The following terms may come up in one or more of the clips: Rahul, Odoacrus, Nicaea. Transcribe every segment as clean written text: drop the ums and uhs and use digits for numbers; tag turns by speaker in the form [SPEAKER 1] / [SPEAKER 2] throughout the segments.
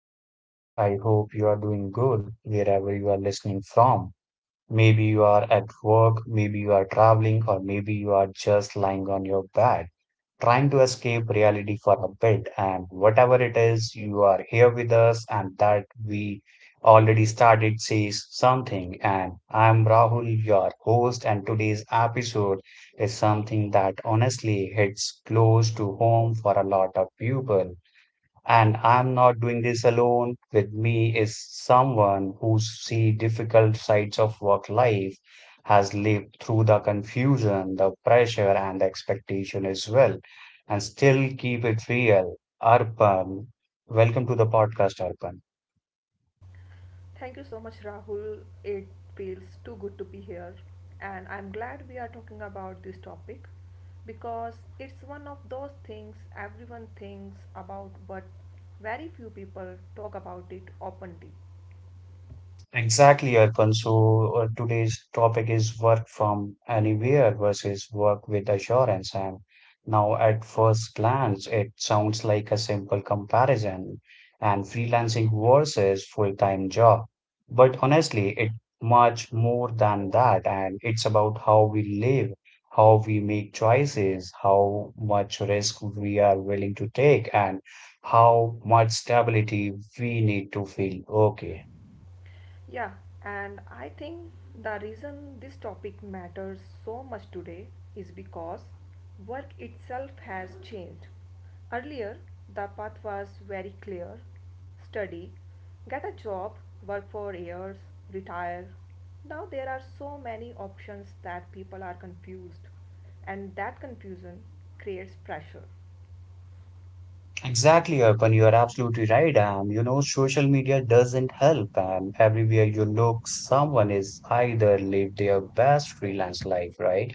[SPEAKER 1] the podcast. I hope you are doing good wherever you are listening from. Maybe you are at work, maybe you are traveling, or maybe you are just lying on your bed, trying to escape reality for a bit. And whatever it is, you are here with us, and that we already started says something. And I'm Rahul, your host, and today's episode is something that honestly hits close to home for a lot of people and I'm not doing this alone. With me is someone who's seen difficult sides of work life, has lived through the confusion, the pressure, and the expectation as well, and still keep it real. Arpan, welcome to the podcast, Arpan.
[SPEAKER 2] Thank you so much, Rahul. It feels too good to be here. And I'm glad we are talking about this topic because it's one of those things everyone thinks about, but very few people talk about it openly.
[SPEAKER 1] Exactly, Arpan. So today's topic is work from anywhere versus work with assurance. And now, at first glance, it sounds like a simple comparison and freelancing versus full-time job. But honestly, it much more than that. And it's about how we live, how we make choices, how much risk we are willing to take, and how much stability we need to feel okay.
[SPEAKER 2] Yeah, and I think the reason this topic matters so much today is because work itself has changed. Earlier, the path was very clear study, get a job, work for years, retire. Now there are so many options that people are confused, and that confusion creates pressure.
[SPEAKER 1] Exactly, Arpan, you are absolutely right. And you know, social media doesn't help. And everywhere you look, someone is either live their best freelance life, right?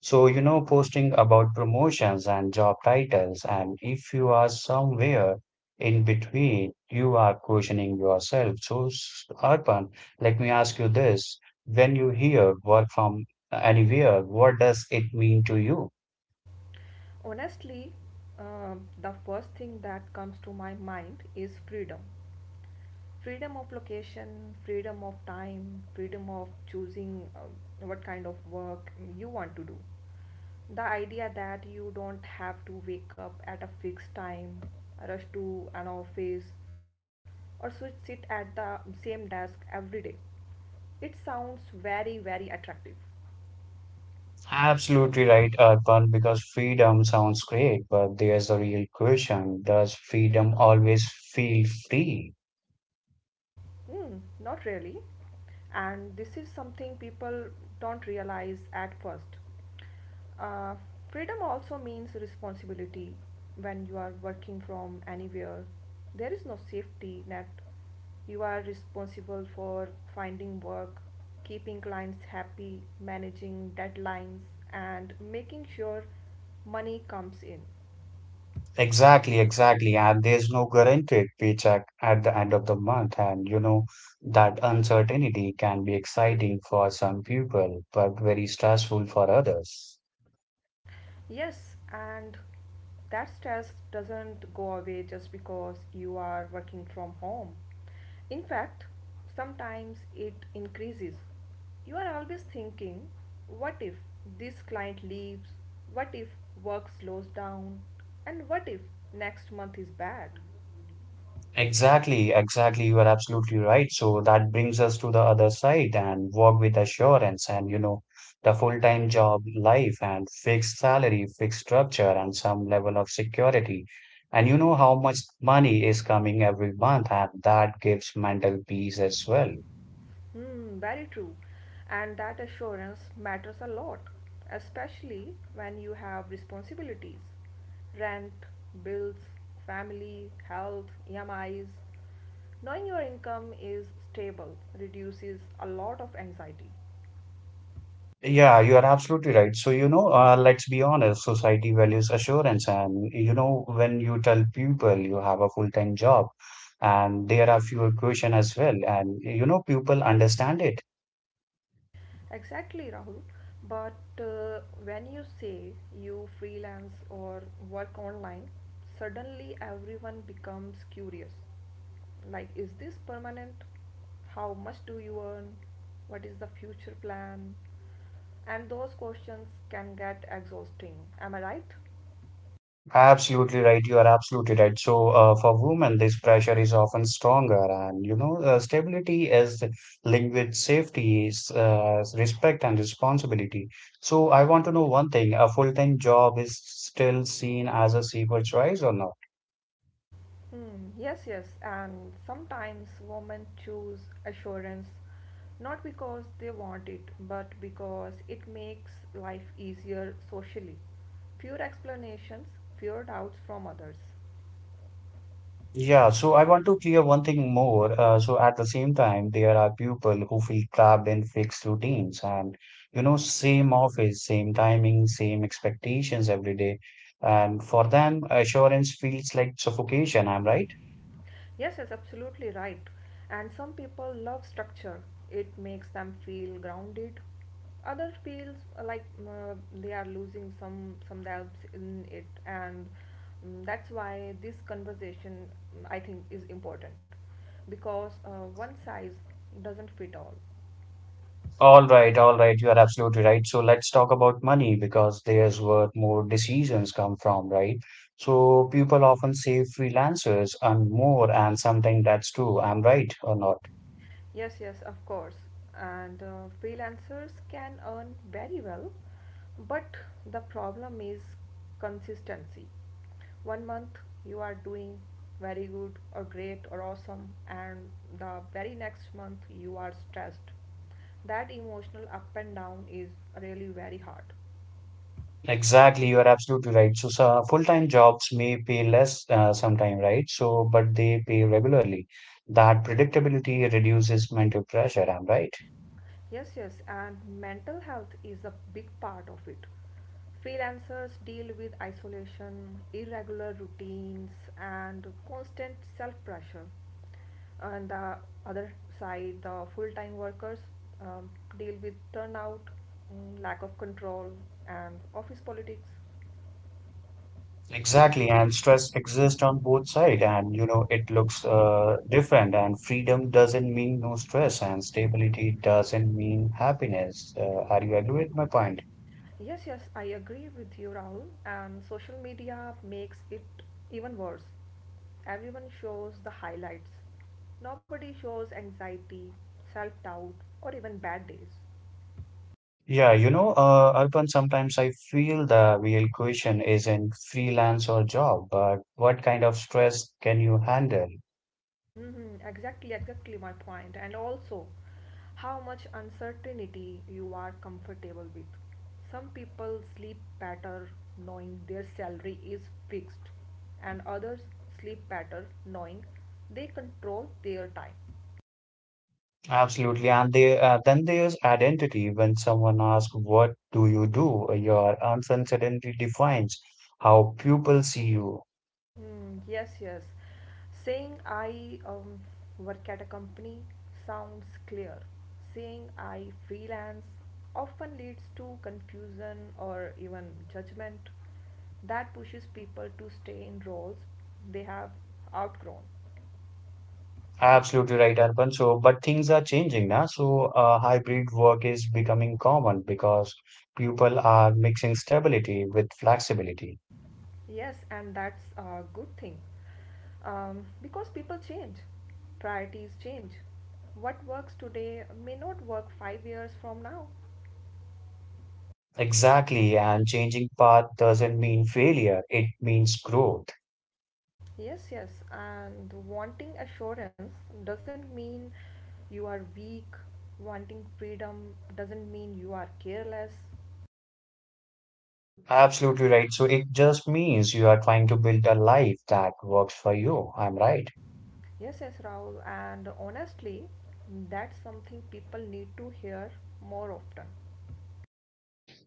[SPEAKER 1] So, you know, posting about promotions and job titles, and if you are somewhere in between, you are questioning yourself. So, Arpan, let me ask you this. When you hear work from anywhere, what does it mean to you?
[SPEAKER 2] Honestly, the first thing that comes to my mind is freedom. Freedom of location, freedom of time, freedom of choosing what kind of work you want to do. The idea that you don't have to wake up at a fixed time, rush to an office, or sit at the same desk every day. It sounds very, very attractive.
[SPEAKER 1] Absolutely right, Arpan, because freedom sounds great, but there's a real question. Does freedom always feel free?
[SPEAKER 2] Mm, not really. And this is something people don't realize at first. Uh, Freedom also means responsibility when you are working from anywhere. There is no safety net. You are responsible for finding work, keeping clients happy, managing deadlines, and making sure money comes in.
[SPEAKER 1] Exactly, exactly. And there's no guaranteed paycheck at the end of the month. And you know, that uncertainty can be exciting for some people, but very stressful for others.
[SPEAKER 2] Yes, and that stress doesn't go away just because you are working from home. In fact, sometimes it increases. You are always thinking, what if this client leaves? What if work slows down? And what if next month is bad?
[SPEAKER 1] Exactly, exactly. You are absolutely right. So that brings us to the other side and work with assurance and, you know, the full-time job life and fixed salary, fixed structure, and some level of security. And you know how much money is coming every month, and that gives mental peace as well.
[SPEAKER 2] Hmm, very true. And that assurance matters a lot, especially when you have responsibilities rent, bills, family, health, EMIs. Knowing your income is stable reduces a lot of anxiety.
[SPEAKER 1] Yeah, you are absolutely right. So, you know, let's be honest, society values assurance. And, you know, when you tell people you have a full-time job and there are fewer questions as well, and, you know, people understand it.
[SPEAKER 2] Exactly, Rahul. But when you say you freelance or work online, suddenly everyone becomes curious. Like, is this permanent? How much do you earn? What is the future plan? And those questions can get exhausting. Am I right?
[SPEAKER 1] Absolutely right. You are absolutely right. So, for women, this pressure is often stronger. And, you know, stability is linked with safety, is, respect, and responsibility. So, I want to know one thing, a full-time job is still seen as a safer choice or not?
[SPEAKER 2] Mm, yes, yes, and sometimes women choose assurance not because they want it, but because it makes life easier socially. Fewer explanations, fewer doubts from others.
[SPEAKER 1] Yeah, so I want to clear one thing more. So at the same time, there are people who feel trapped in fixed routines and, you know, same office, same timing, same expectations every day. And for them, assurance feels like suffocation. I'm right.
[SPEAKER 2] Yes, yes, absolutely right. And some people love structure. It makes them feel grounded. Others feels like they are losing some themselves in it, and that's why this conversation I think is important because one size doesn't fit all.
[SPEAKER 1] All right, all right. You are absolutely right. So let's talk about money because there's where more decisions come from, right? So people often say freelancers earn more, and sometimes that's true. I'm right or not?
[SPEAKER 2] Yes, yes, of course. And freelancers can earn very well, but the problem is consistency. One month you are doing very good or great or awesome, and the very next month you are stressed. That emotional up and down is really very hard.
[SPEAKER 1] Exactly, you are absolutely right. So, full-time jobs may pay less sometime, right? So, but they pay regularly. That predictability reduces mental pressure. I'm right.
[SPEAKER 2] Yes, yes, and mental health is a big part of it. Freelancers deal with isolation, irregular routines, and constant self pressure. On the other side, the full time workers um, deal with turnout, lack of control, and office politics.
[SPEAKER 1] Exactly, and stress exists on both sides, and you know it looks different. And freedom doesn't mean no stress, and stability doesn't mean happiness. Are you agree with my point?
[SPEAKER 2] Yes, yes, I agree with you, Rahul. And social media makes it even worse. Everyone shows the highlights. Nobody shows anxiety, self doubt, or even bad days.
[SPEAKER 1] Yeah, you know, Arpan, sometimes I feel the real question isn't freelance or job, but what kind of stress can you handle?
[SPEAKER 2] Hmm, exactly, exactly my point. And also, how much uncertainty you are comfortable with. Some people sleep better knowing their salary is fixed, and others sleep better knowing they control their time.
[SPEAKER 1] Absolutely, and they, then there's identity. When someone asks, "What do you do?" Your uncertainty defines how people see you.
[SPEAKER 2] Mm, yes, yes. Saying I work at a company sounds clear. Saying I freelance often leads to confusion or even judgment that pushes people to stay in roles they have outgrown.
[SPEAKER 1] Absolutely right, Arpan. So, but things are changing now. So, hybrid work is becoming common because people are mixing stability with flexibility.
[SPEAKER 2] Yes, and that's a good thing because people change, priorities change. What works today may not work 5 years from now.
[SPEAKER 1] Exactly. And changing path doesn't mean failure, it means growth.
[SPEAKER 2] Yes, yes, and wanting assurance doesn't mean you are weak, wanting freedom doesn't mean you are careless.
[SPEAKER 1] Absolutely right. So, it just means you are trying to build a life that works for you. I'm right.
[SPEAKER 2] Yes, yes, Rahul, and honestly, that's something people need to hear more often.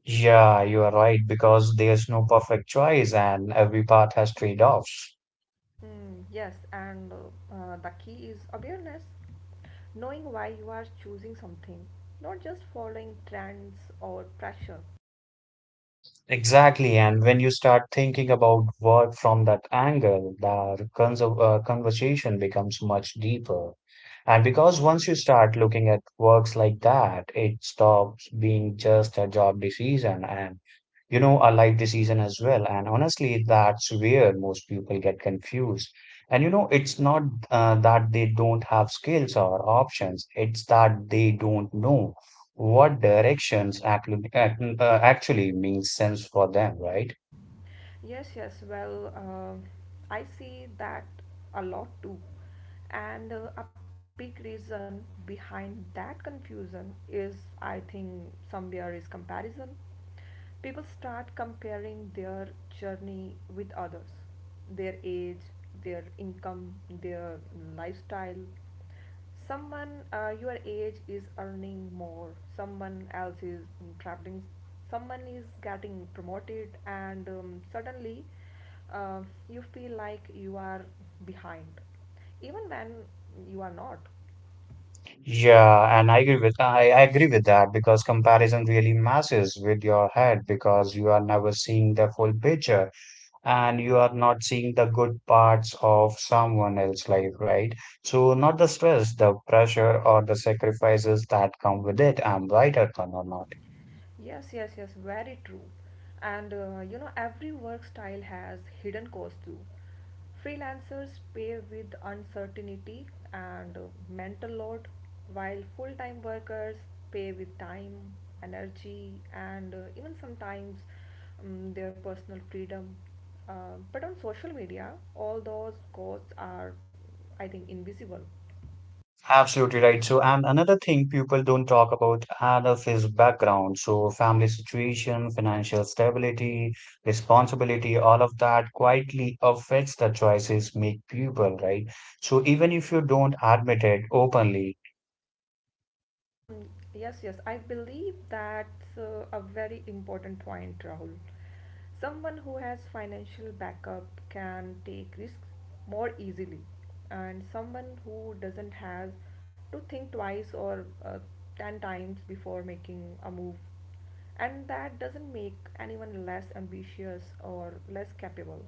[SPEAKER 1] Yeah, you are right because there's no perfect choice and every path has trade-offs.
[SPEAKER 2] Mm, yes, and the key is awareness, knowing why you are choosing something, not just following trends or pressure.
[SPEAKER 1] Exactly. And when you start thinking about work from that angle, the conversation becomes much deeper. And because once you start looking at works like that, it stops being just a job decision and, you know, a life decision as well. And honestly, that's where most people get confused. And, you know, it's not that they don't have skills or options, it's that they don't know what directions actually makes sense for them, right?
[SPEAKER 2] Yes, yes. Well, I see that a lot too. And a big reason behind that confusion is, I think, somewhere is comparison. People start comparing their journey with others, their age, their income, their lifestyle someone your age is earning more, someone else is traveling, someone is getting promoted and suddenly uh, you feel like you are behind even when you are not.
[SPEAKER 1] Yeah, and I agree with that because comparison really messes with your head because you are never seeing the full picture and you are not seeing the good parts of someone else's life, right? So not the stress, the pressure or the sacrifices that come with it. I'm right, Arpan, or not?
[SPEAKER 2] Yes, yes, yes, very true. And you know, every work style has hidden costs too. Freelancers pay with uncertainty and mental load, while full time workers pay with time, energy, and even sometimes their personal freedom. But on social media, all those costs are, I think, invisible.
[SPEAKER 1] Absolutely right. So, and another thing people don't talk about enough is background. So, family situation, financial stability, responsibility, all of that quietly affects the choices make people, right? So, even if you don't admit it openly,
[SPEAKER 2] Mm, yes, yes. I believe that's a very important point, Rahul. Someone who has financial backup can take risks more easily, and someone who doesn't has to think twice or 10 times before making a move. And that doesn't make anyone less ambitious or less capable.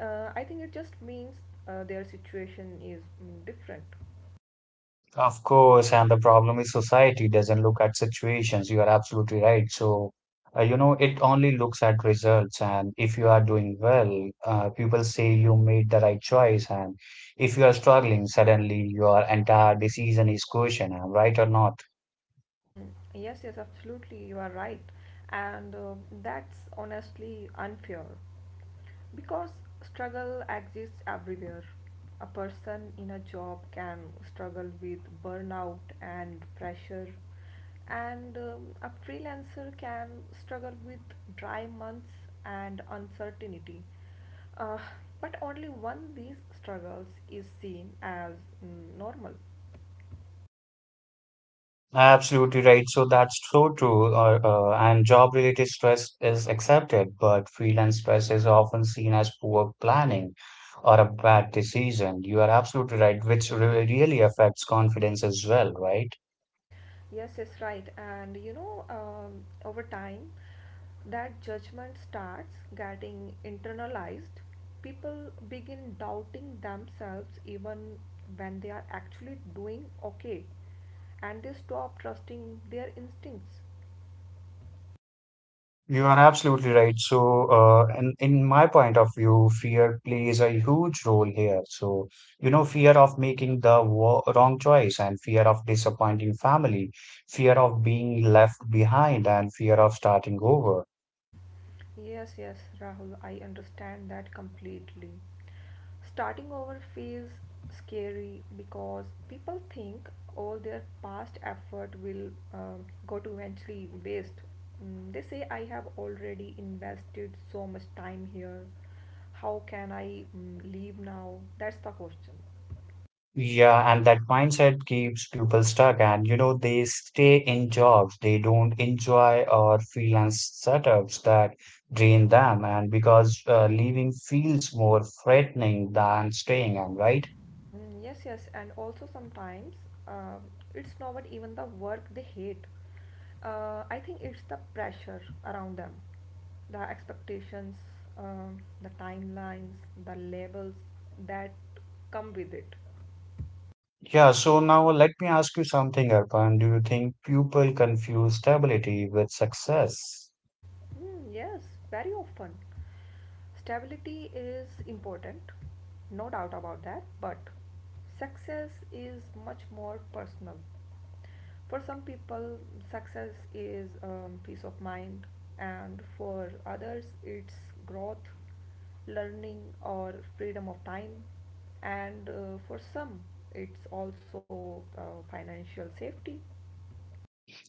[SPEAKER 2] I think it just means their situation is different.
[SPEAKER 1] Of course, and the problem is society doesn't look at situations. You are absolutely right. So, you know, it only looks at results. And if you are doing well, people say you made the right choice. And if you are struggling, suddenly your entire decision is questioned, am right or not?
[SPEAKER 2] Hmm, yes, yes, absolutely. You are right. And that's honestly unfair because struggle exists everywhere. A person in a job can struggle with burnout and pressure, and a freelancer can struggle with dry months and uncertainty. Uh, but only one these struggles is seen as normal.
[SPEAKER 1] Absolutely right. So that's so true. And job-related stress is accepted, but freelance stress is often seen as poor planning or a bad decision. You are absolutely right, which re really affects confidence as well, right?
[SPEAKER 2] Yes, yes, right. And you know, over time, that judgment starts getting internalized. People begin doubting themselves even when they are actually doing okay, and they stop trusting their instincts.
[SPEAKER 1] You are absolutely right. So, and in my point of view, fear plays a huge role here. So, you know, fear of making the wrong choice and fear of disappointing family, fear of being left behind and fear of starting over.
[SPEAKER 2] Yes, yes, Rahul, I understand that completely. Starting over feels scary because people think all their past effort will go to eventually waste. Mm, they say, I have already invested so much time here. How can I leave now? That's the question.
[SPEAKER 1] Yeah, and that mindset keeps people stuck and, you know, they stay in jobs they don't enjoy or freelance setups that drain them. And because leaving feels more threatening than staying, am I right?
[SPEAKER 2] Mm, yes, yes, and also sometimes um it's not even the work they hate. I think it's the pressure around them, the expectations, the timelines, the labels that come with it.
[SPEAKER 1] Yeah, so now let me ask you something, Arpan. Do you think people confuse stability with success?
[SPEAKER 2] Mm, yes, very often. Stability is important, no doubt about that, but success is much more personal. For some people, success is peace of mind, and for others, it's growth, learning, or freedom of time, and for some, it's also financial safety.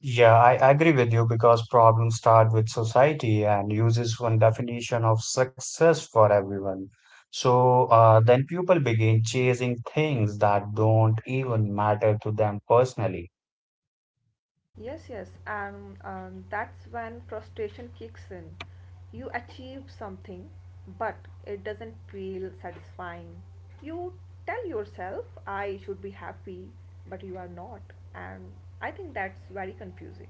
[SPEAKER 1] Yeah, I agree with you because problems start with society and uses one definition of success for everyone. So then people begin chasing things that don't even matter to them personally.
[SPEAKER 2] Yes, yes, and that's when frustration kicks in. You achieve something, but it doesn't feel satisfying. You tell yourself, I should be happy, but you are not. And I think that's very confusing.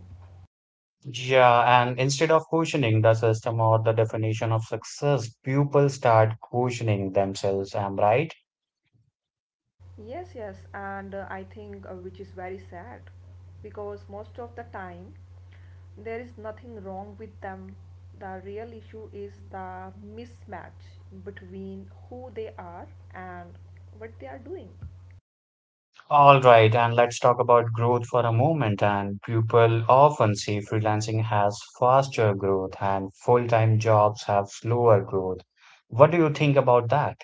[SPEAKER 1] Yeah, and instead of questioning the system or the definition of success, people start questioning themselves. Am I right?
[SPEAKER 2] Yes, yes, and I think which is very sad because most of the time there is nothing wrong with them. The real issue is the mismatch between who they are and what they are doing.
[SPEAKER 1] All right, and let's talk about growth for a moment. And people often say freelancing has faster growth and full-time jobs have slower growth. What do you think about that?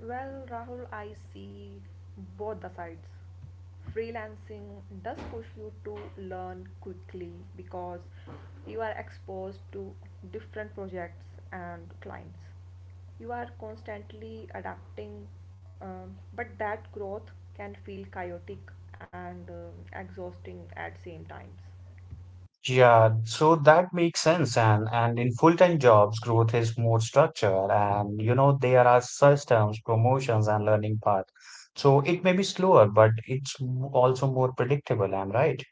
[SPEAKER 2] Well, Rahul, I see both the sides. Freelancing does push you to learn quickly because you are exposed to different projects and clients. You are constantly adapting, but that growth can feel chaotic and exhausting at same times.
[SPEAKER 1] Yeah, so that makes sense. And in full-time jobs, growth is more structured, and you know there are systems, promotions, and learning path. So it may be slower, but it's also more predictable. I'm right.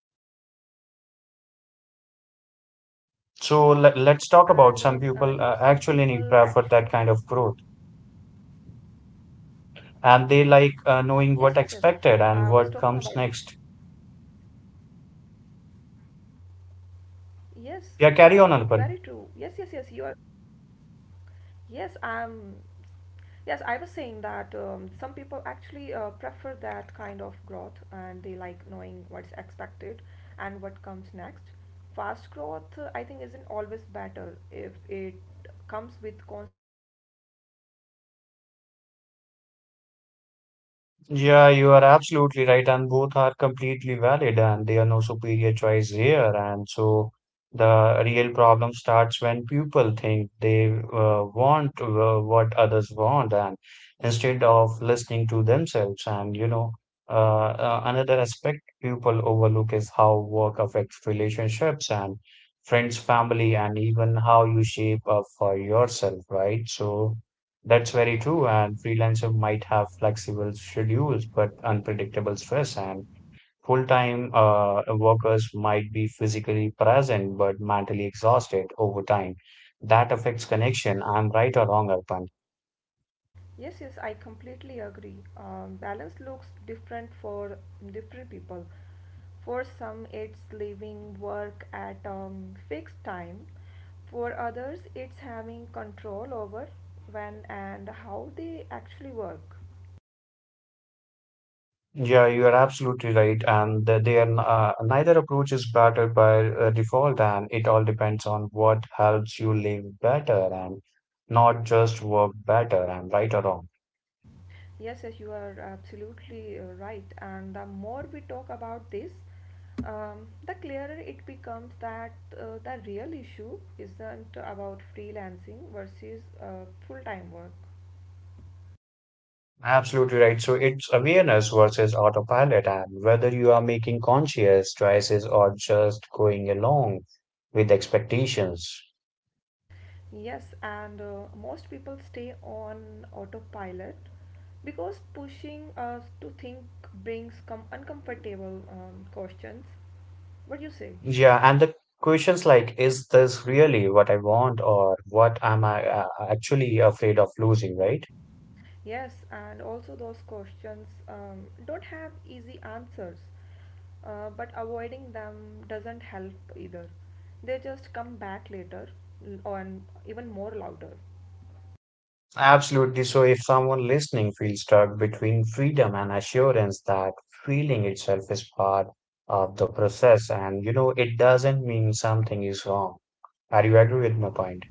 [SPEAKER 2] Yes, yes, absolutely. And you know, some people
[SPEAKER 1] So
[SPEAKER 2] actually,
[SPEAKER 1] let's talk about some people actually prefer that kind of growth.
[SPEAKER 2] yes, yes, yes. I was
[SPEAKER 1] And
[SPEAKER 2] talking
[SPEAKER 1] they
[SPEAKER 2] about
[SPEAKER 1] like knowing what expected and what comes next.
[SPEAKER 2] yes, uh, very true. Yes, yes,
[SPEAKER 1] Yeah,
[SPEAKER 2] yes.
[SPEAKER 1] carry
[SPEAKER 2] You are.
[SPEAKER 1] on, Arpan.
[SPEAKER 2] Yes, I'm. Yes, I was saying that some people actually prefer that kind of growth, and they like knowing what's expected and what comes next. Fast growth, I think, isn't always better if it comes with constant anxiety.
[SPEAKER 1] Yeah, you are absolutely right, and both are completely valid, and they are no superior choice here. And so the real problem starts when people think they want what others want, and instead of listening to themselves. And you know, another aspect people overlook is how work affects relationships and friends, family, and even how you shape up for yourself, right? So. That's very true, and freelancer might have flexible schedules but unpredictable stress, and full-time workers might be physically present but mentally exhausted over time. That affects connection. I'm right or wrong, Arpan?
[SPEAKER 2] Yes, yes, I completely agree. Balance looks different for different people. For some, it's leaving work at fixed time. For others, it's having control over when and how they actually work.
[SPEAKER 1] Yeah, you are absolutely right, and neither approach is better by default, and it all depends on what helps you live better and not just work better. I'm right or wrong.
[SPEAKER 2] Yes, yes, you are absolutely right. And the more we talk about this, the clearer it becomes that the real issue isn't about freelancing versus full time work.
[SPEAKER 1] Absolutely right. So it's awareness versus autopilot, and whether you are making conscious choices or just going along with expectations.
[SPEAKER 2] Yes, and most people stay on autopilot because pushing us to think brings com uncomfortable questions. What you say?
[SPEAKER 1] Yeah, and the questions like, is this really what I want, or what am I actually afraid of losing, right?
[SPEAKER 2] Yes, and also those questions don't have easy answers, but avoiding them doesn't help either. They just come back later and even more louder.
[SPEAKER 1] Absolutely. So, if someone listening feels stuck between freedom and assurance, that feeling itself is part of the process, and you know, it doesn't mean something is wrong. Are you agree with my point?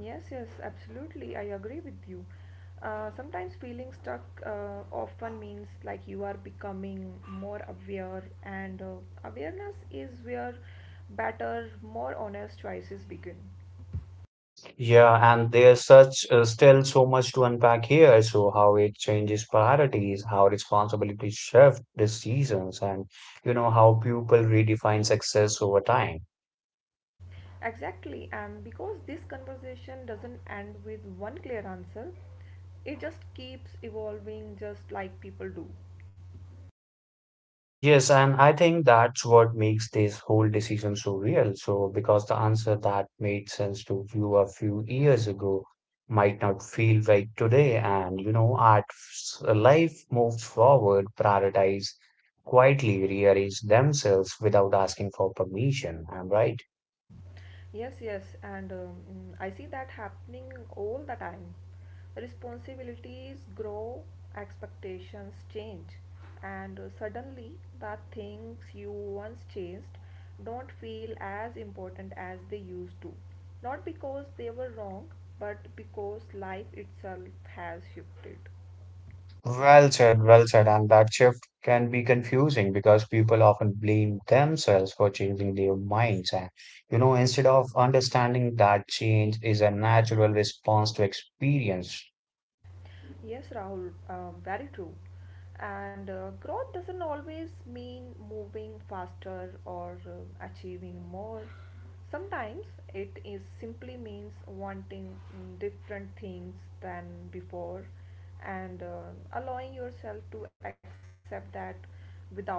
[SPEAKER 2] Yes, yes, absolutely. I agree with you. Sometimes feeling stuck often means like you are becoming more aware, and awareness is where better, more honest choices begin.
[SPEAKER 1] Yeah, and there's such still so much to unpack here. So how it changes priorities, how responsibilities shift decisions, and you know how people redefine success over time.
[SPEAKER 2] Exactly, and because this conversation doesn't end with one clear answer, it just keeps evolving just like people do.
[SPEAKER 1] Yes, and I think that's what makes this whole decision so real. So, because the answer that made sense to you a few years ago might not feel right today, and you know, life moves forward, prioritize quietly, rearrange themselves without asking for permission. I'm right.
[SPEAKER 2] Yes, yes, and I see that happening all the time. Responsibilities grow, expectations change, and suddenly the things you once chased don't feel as important as they used to. Not because they were wrong, but because life itself has shifted.
[SPEAKER 1] Well said, well said. And that shift can be confusing because people often blame themselves for changing their minds. And, you know, instead of understanding that change is a natural response to experience.
[SPEAKER 2] Yes, Rahul, very true. And growth doesn't always mean moving faster or achieving more. Sometimes it is simply means wanting different things than before and allowing yourself to accept that without guilt.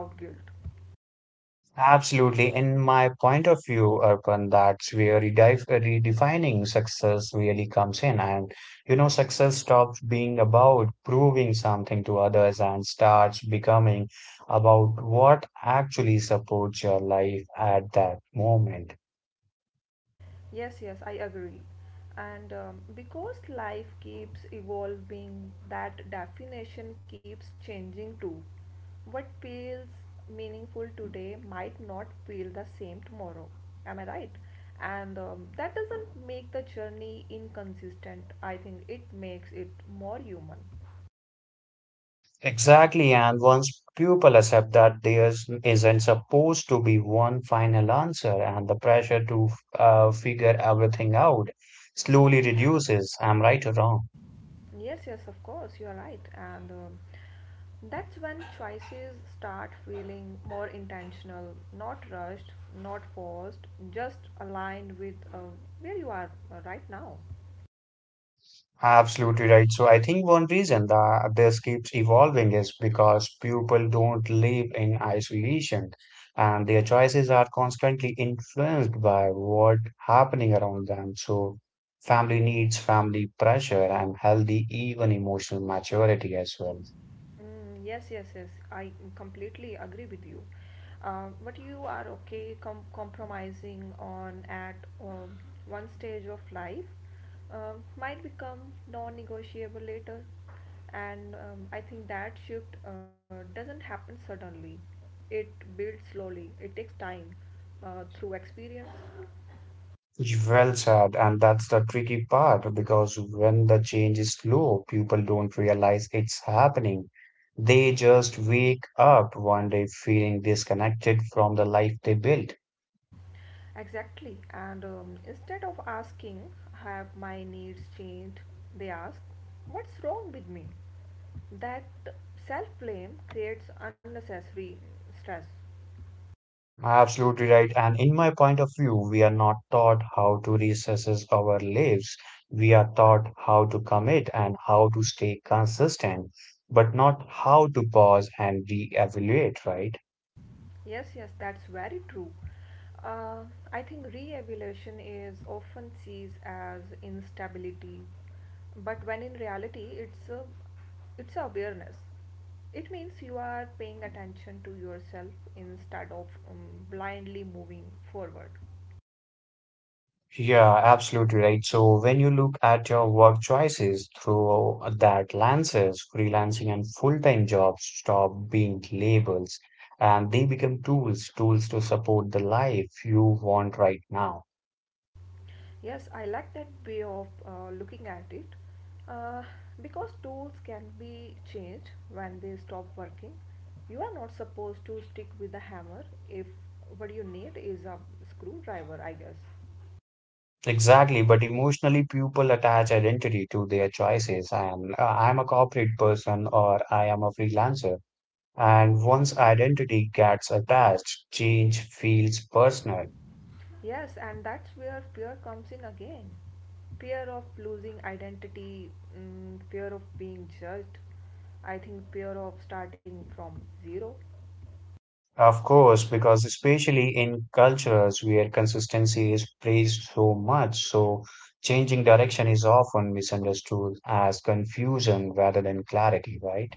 [SPEAKER 1] Absolutely. In my point of view, Arpan, that's where redefining success really comes in. And, you know, success stops being about proving something to others and starts becoming about what actually supports your life at that moment.
[SPEAKER 2] Yes, yes, I agree. And because life keeps evolving, that definition keeps changing too. What feels meaningful today might not feel the same tomorrow. Am I right? And that doesn't make the journey inconsistent. I think it makes it more human.
[SPEAKER 1] Exactly. And once people accept that isn't supposed to be one final answer and the pressure to figure everything out slowly reduces. I'm right or wrong?
[SPEAKER 2] Yes, yes, of course, you are right. And that's when choices start feeling more intentional, not rushed, not forced, just aligned with where you are right now.
[SPEAKER 1] Absolutely right. So I think one reason that this keeps evolving is because people don't live in isolation and their choices are constantly influenced by what happening around them. So family needs, family pressure, and healthy even emotional maturity as well.
[SPEAKER 2] Mm, yes, yes, yes. I completely agree with you. But you are okay compromising on at um, one stage of life might become non-negotiable later, and I think that shift doesn't happen suddenly. It builds slowly. It takes time through experience.
[SPEAKER 1] Well said, and that's the tricky part because when the change is slow, people don't realize it's happening. They just wake up one day feeling disconnected from the life they built.
[SPEAKER 2] Exactly. And instead of asking, have my needs changed? They ask, what's wrong with me? That self blame creates unnecessary stress.
[SPEAKER 1] Absolutely right. And in my point of view, we are not taught how to reassess our lives. We are taught how to commit and how to stay consistent, but not how to pause and reevaluate, right?
[SPEAKER 2] Yes, yes, that's very true. Uh, I think re evaluation is often sees as instability, but when in reality, it's it's awareness. It means you are paying attention to yourself instead of blindly moving forward.
[SPEAKER 1] Yeah, absolutely right. So when you look at your work choices through that lenses, freelancing and full-time jobs stop being labels and they become tools, tools to support the life you want right now.
[SPEAKER 2] Yes, I like that way of looking at it uh, because tools can be changed when they stop working. You are not supposed to stick with the hammer if what you need is a screwdriver, I guess.
[SPEAKER 1] Exactly, but emotionally people attach identity to their choices and I'm a corporate person or I am a freelancer. And once identity gets attached, change feels personal.
[SPEAKER 2] Yes, and that's where fear comes in again. Fear of losing identity, fear of being judged, I think fear of starting from zero.
[SPEAKER 1] Of course, because especially in cultures where consistency is praised so much, so changing direction is often misunderstood as confusion rather than clarity, right?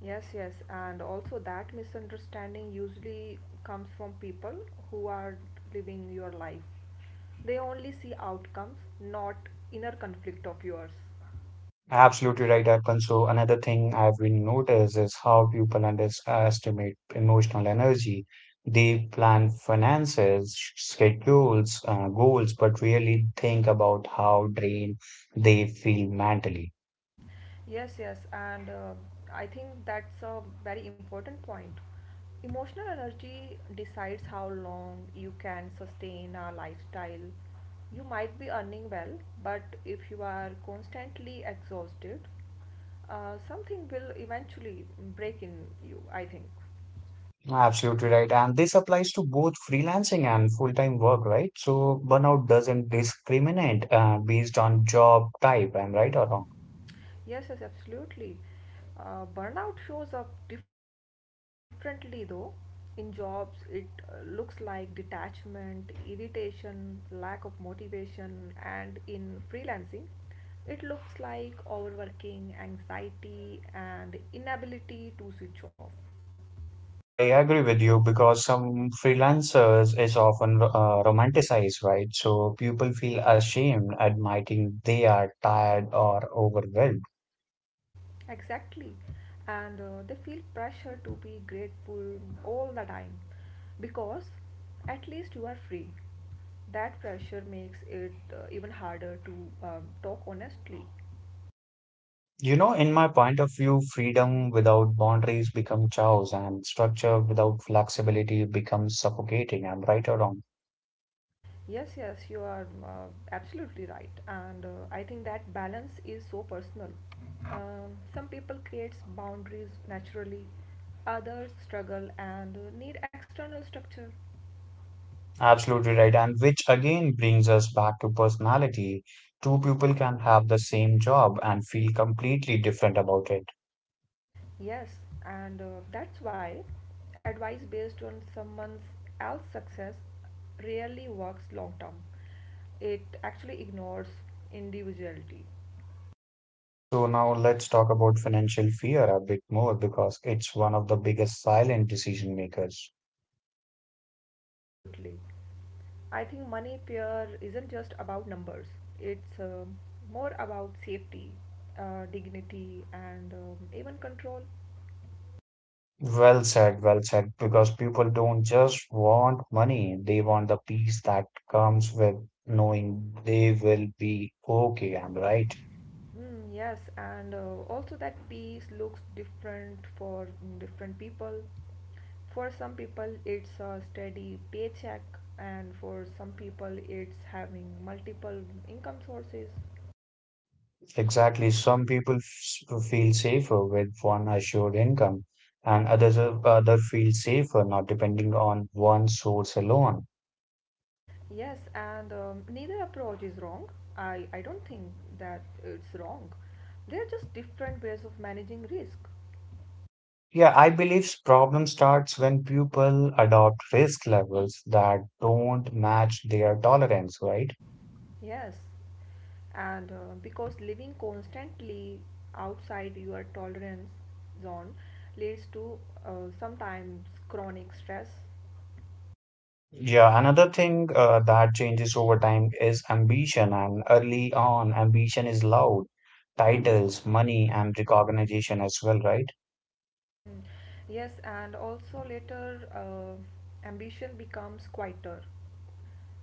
[SPEAKER 2] Yes, yes, and also that misunderstanding usually comes from people who are living your life. They only see outcomes, not inner conflict of yours.
[SPEAKER 1] Absolutely right, Arpan. So another thing I've been noticed is how people underestimate emotional energy. They plan finances, schedules, goals, but really think about how drained they feel mentally.
[SPEAKER 2] Yes, yes, and I think that's a very important point. Emotional energy decides how long you can sustain a lifestyle. You might be earning well, but if you are constantly exhausted, something will eventually break in you, I think.
[SPEAKER 1] Absolutely right. And this applies to both freelancing and full-time work, right? So burnout doesn't discriminate based on job type. Am I right or wrong?
[SPEAKER 2] Yes, yes, absolutely. Burnout shows up differently though. In jobs, it looks like detachment, irritation, lack of motivation, and in freelancing, it looks like overworking, anxiety, and inability to switch off.
[SPEAKER 1] I agree with you because some freelancers is often romanticized, right? So people feel ashamed admitting they are tired or overwhelmed.
[SPEAKER 2] Exactly. And they feel pressure to be grateful all the time because at least you are free. That pressure makes it even harder to talk honestly.
[SPEAKER 1] You know, in my point of view, freedom without boundaries become chaos and structure without flexibility becomes suffocating. Am I right or wrong?
[SPEAKER 2] Yes, yes, you are absolutely right. And I think that balance is so personal. Some people create boundaries naturally, others struggle and need external structure.
[SPEAKER 1] Absolutely right. And which again brings us back to personality. Two people can have the same job and feel completely different about it.
[SPEAKER 2] Yes, and that's why advice based on someone else's success rarely works long term. It actually ignores individuality.
[SPEAKER 1] So now let's talk about financial fear a bit more because it's one of the biggest silent decision makers.
[SPEAKER 2] Absolutely. I think money fear isn't just about numbers, it's more about safety, dignity, and even control.
[SPEAKER 1] Well said, well said. Because people don't just want money, they want the peace that comes with knowing they will be okay. I'm right.
[SPEAKER 2] Mm, yes, and also that piece looks different for different people. For some people, it's a steady paycheck, and for some people, it's having multiple income sources.
[SPEAKER 1] Exactly. Some people feel safer with one assured income, and other feel safer not depending on one source alone.
[SPEAKER 2] Yes, and neither approach is wrong. I don't think that it's wrong. They're just different ways of managing risk.
[SPEAKER 1] Yeah, I believe problem starts when people adopt risk levels that don't match their tolerance, right?
[SPEAKER 2] Yes, and because living constantly outside your tolerance zone leads to sometimes chronic stress.
[SPEAKER 1] Yeah, another thing that changes over time is ambition, and early on, ambition is loud, titles, money, and recognition as well, right?
[SPEAKER 2] Mm, yes, and also later ambition becomes quieter.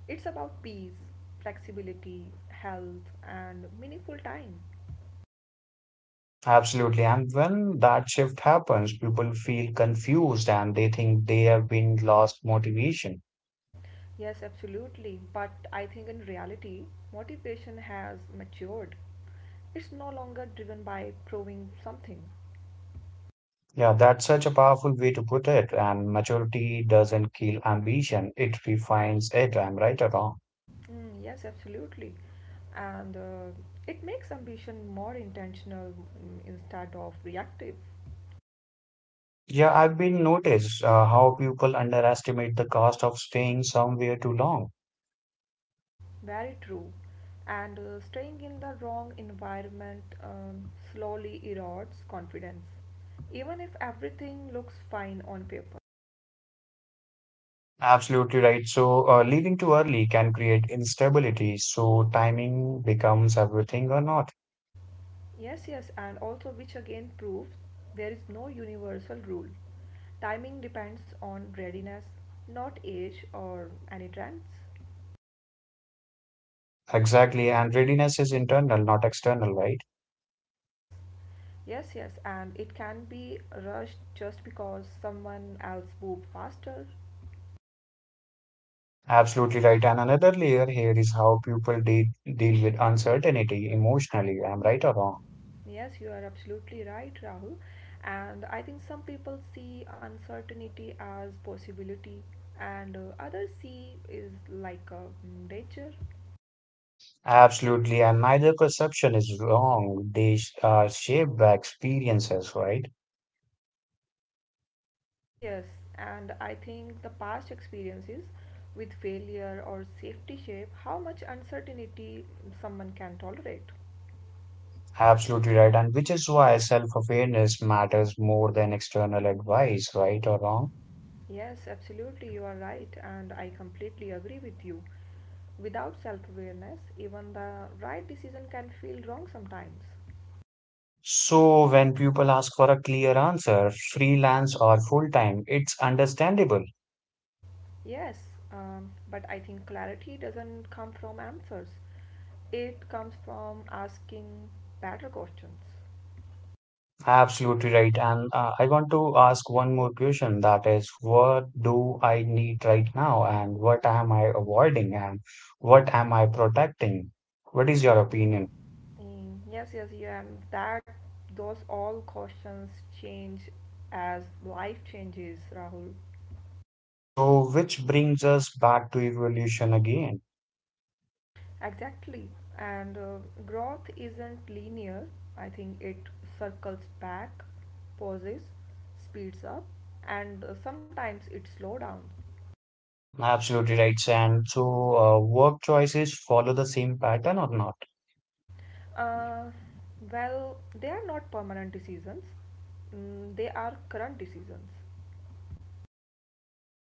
[SPEAKER 2] It's about peace, flexibility, health, and meaningful time.
[SPEAKER 1] Absolutely. And when that shift happens, people feel confused and they think they have been lost motivation.
[SPEAKER 2] Yes, absolutely. But I think in reality, motivation has matured. It's no longer driven by proving something.
[SPEAKER 1] Yeah, that's such a powerful way to put it. And maturity doesn't kill ambition, it refines it. I'm right or wrong.
[SPEAKER 2] Mm, yes, absolutely. And it makes ambition more intentional instead of reactive.
[SPEAKER 1] Yeah, I've been noticed how people underestimate the cost of staying somewhere too long.
[SPEAKER 2] Very true. And staying in the wrong environment slowly erodes confidence, even if everything looks fine on paper.
[SPEAKER 1] Absolutely right. So, leaving too early can create instability. So, timing becomes everything or not.
[SPEAKER 2] Yes, yes, and also which again proves there is no universal rule. Timing depends on readiness, not age or any trends.
[SPEAKER 1] Exactly. And readiness is internal, not external, right?
[SPEAKER 2] Yes, yes, yes, and it can be rushed just because someone else moved faster.
[SPEAKER 1] Absolutely right. And another layer here is how people de deal with uncertainty emotionally. Am I right or wrong?
[SPEAKER 2] Yes, you are absolutely right, Rahul. And I think some people see uncertainty as possibility, and others see is like a danger.
[SPEAKER 1] Absolutely. And neither perception is wrong. They are shaped by experiences, right?
[SPEAKER 2] Yes, yes, and I think the past experiences with failure or safety shape how much uncertainty someone can tolerate.
[SPEAKER 1] Absolutely right. And which is why self-awareness matters more than external advice, right or wrong?
[SPEAKER 2] Yes, absolutely, you are right, and I completely agree with you. Without self awareness, even the right decision can feel wrong sometimes.
[SPEAKER 1] So when people ask for a clear answer, freelance or full time, it's understandable.
[SPEAKER 2] Yes, but I think clarity doesn't come from answers, it comes from asking better questions.
[SPEAKER 1] Absolutely right. And I want to ask one more question, that is, what do I need right now? And what am I avoiding? And what am I protecting? What is your opinion?
[SPEAKER 2] Mm, yes, yes, yeah, and that those all questions change as life changes, Rahul.
[SPEAKER 1] So, which brings us back to evolution again.
[SPEAKER 2] Exactly. And growth isn't linear. I think it circles back, pauses, speeds up, and sometimes it slows down.
[SPEAKER 1] Absolutely right. And so, work choices follow the same pattern or not?
[SPEAKER 2] Uh, well, they are not permanent decisions, they are current decisions.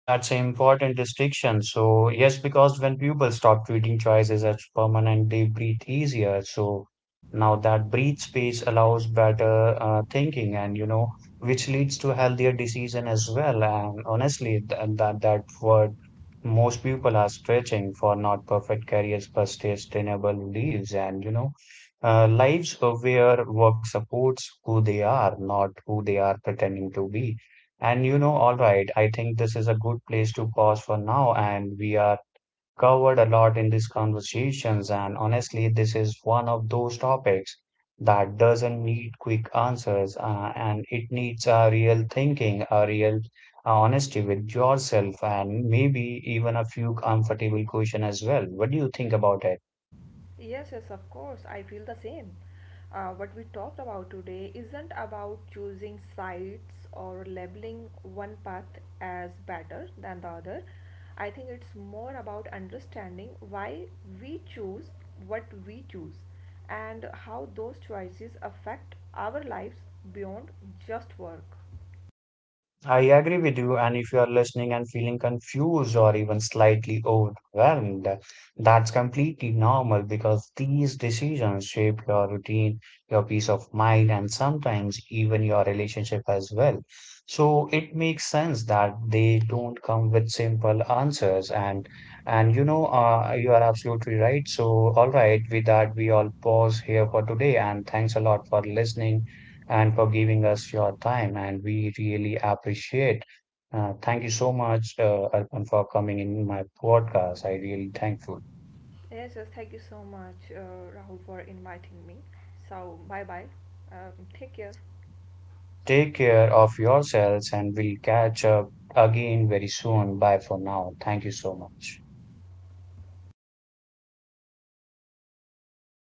[SPEAKER 1] That's an important distinction. So, yes, because when people stop treating choices as permanent, they breathe easier. So, now that breathe space allows better thinking and, you know, which leads to healthier decision as well. And honestly, th that that word most people are stretching for not perfect careers, but sustainable lives and, you know, lives where work supports who they are, not who they are pretending to be. And you know, all right, I think this is a good place to pause for now, and we are covered a lot in these conversations, and honestly, this is one of those topics that doesn't need quick answers, and it needs a real thinking, a real honesty with yourself, and maybe even a few comfortable questions as well. What do you think about it?
[SPEAKER 2] Yes, yes, of course. I feel the same. What we talked about today isn't about choosing sides or labeling one path as better than the other. I think it's more about understanding why we choose what we choose and how those choices affect our lives beyond just work.
[SPEAKER 1] I agree with you. And if you are listening and feeling confused or even slightly overwhelmed, that's completely normal because these decisions shape your routine, your peace of mind, and sometimes even your relationship as well. So it makes sense that they don't come with simple answers. And you know, you are absolutely right. So all right, with that, we all pause here for today. And thanks a lot for listening and for giving us your time. And we really appreciate. Thank you so much, Arpan, for coming in my podcast. I really thankful.
[SPEAKER 2] Yes, yes, thank you so much, Rahul, for inviting me. So, bye bye. Um, Take care.
[SPEAKER 1] Take care of yourselves, and we'll catch up again very soon. Bye for now. Thank you so much.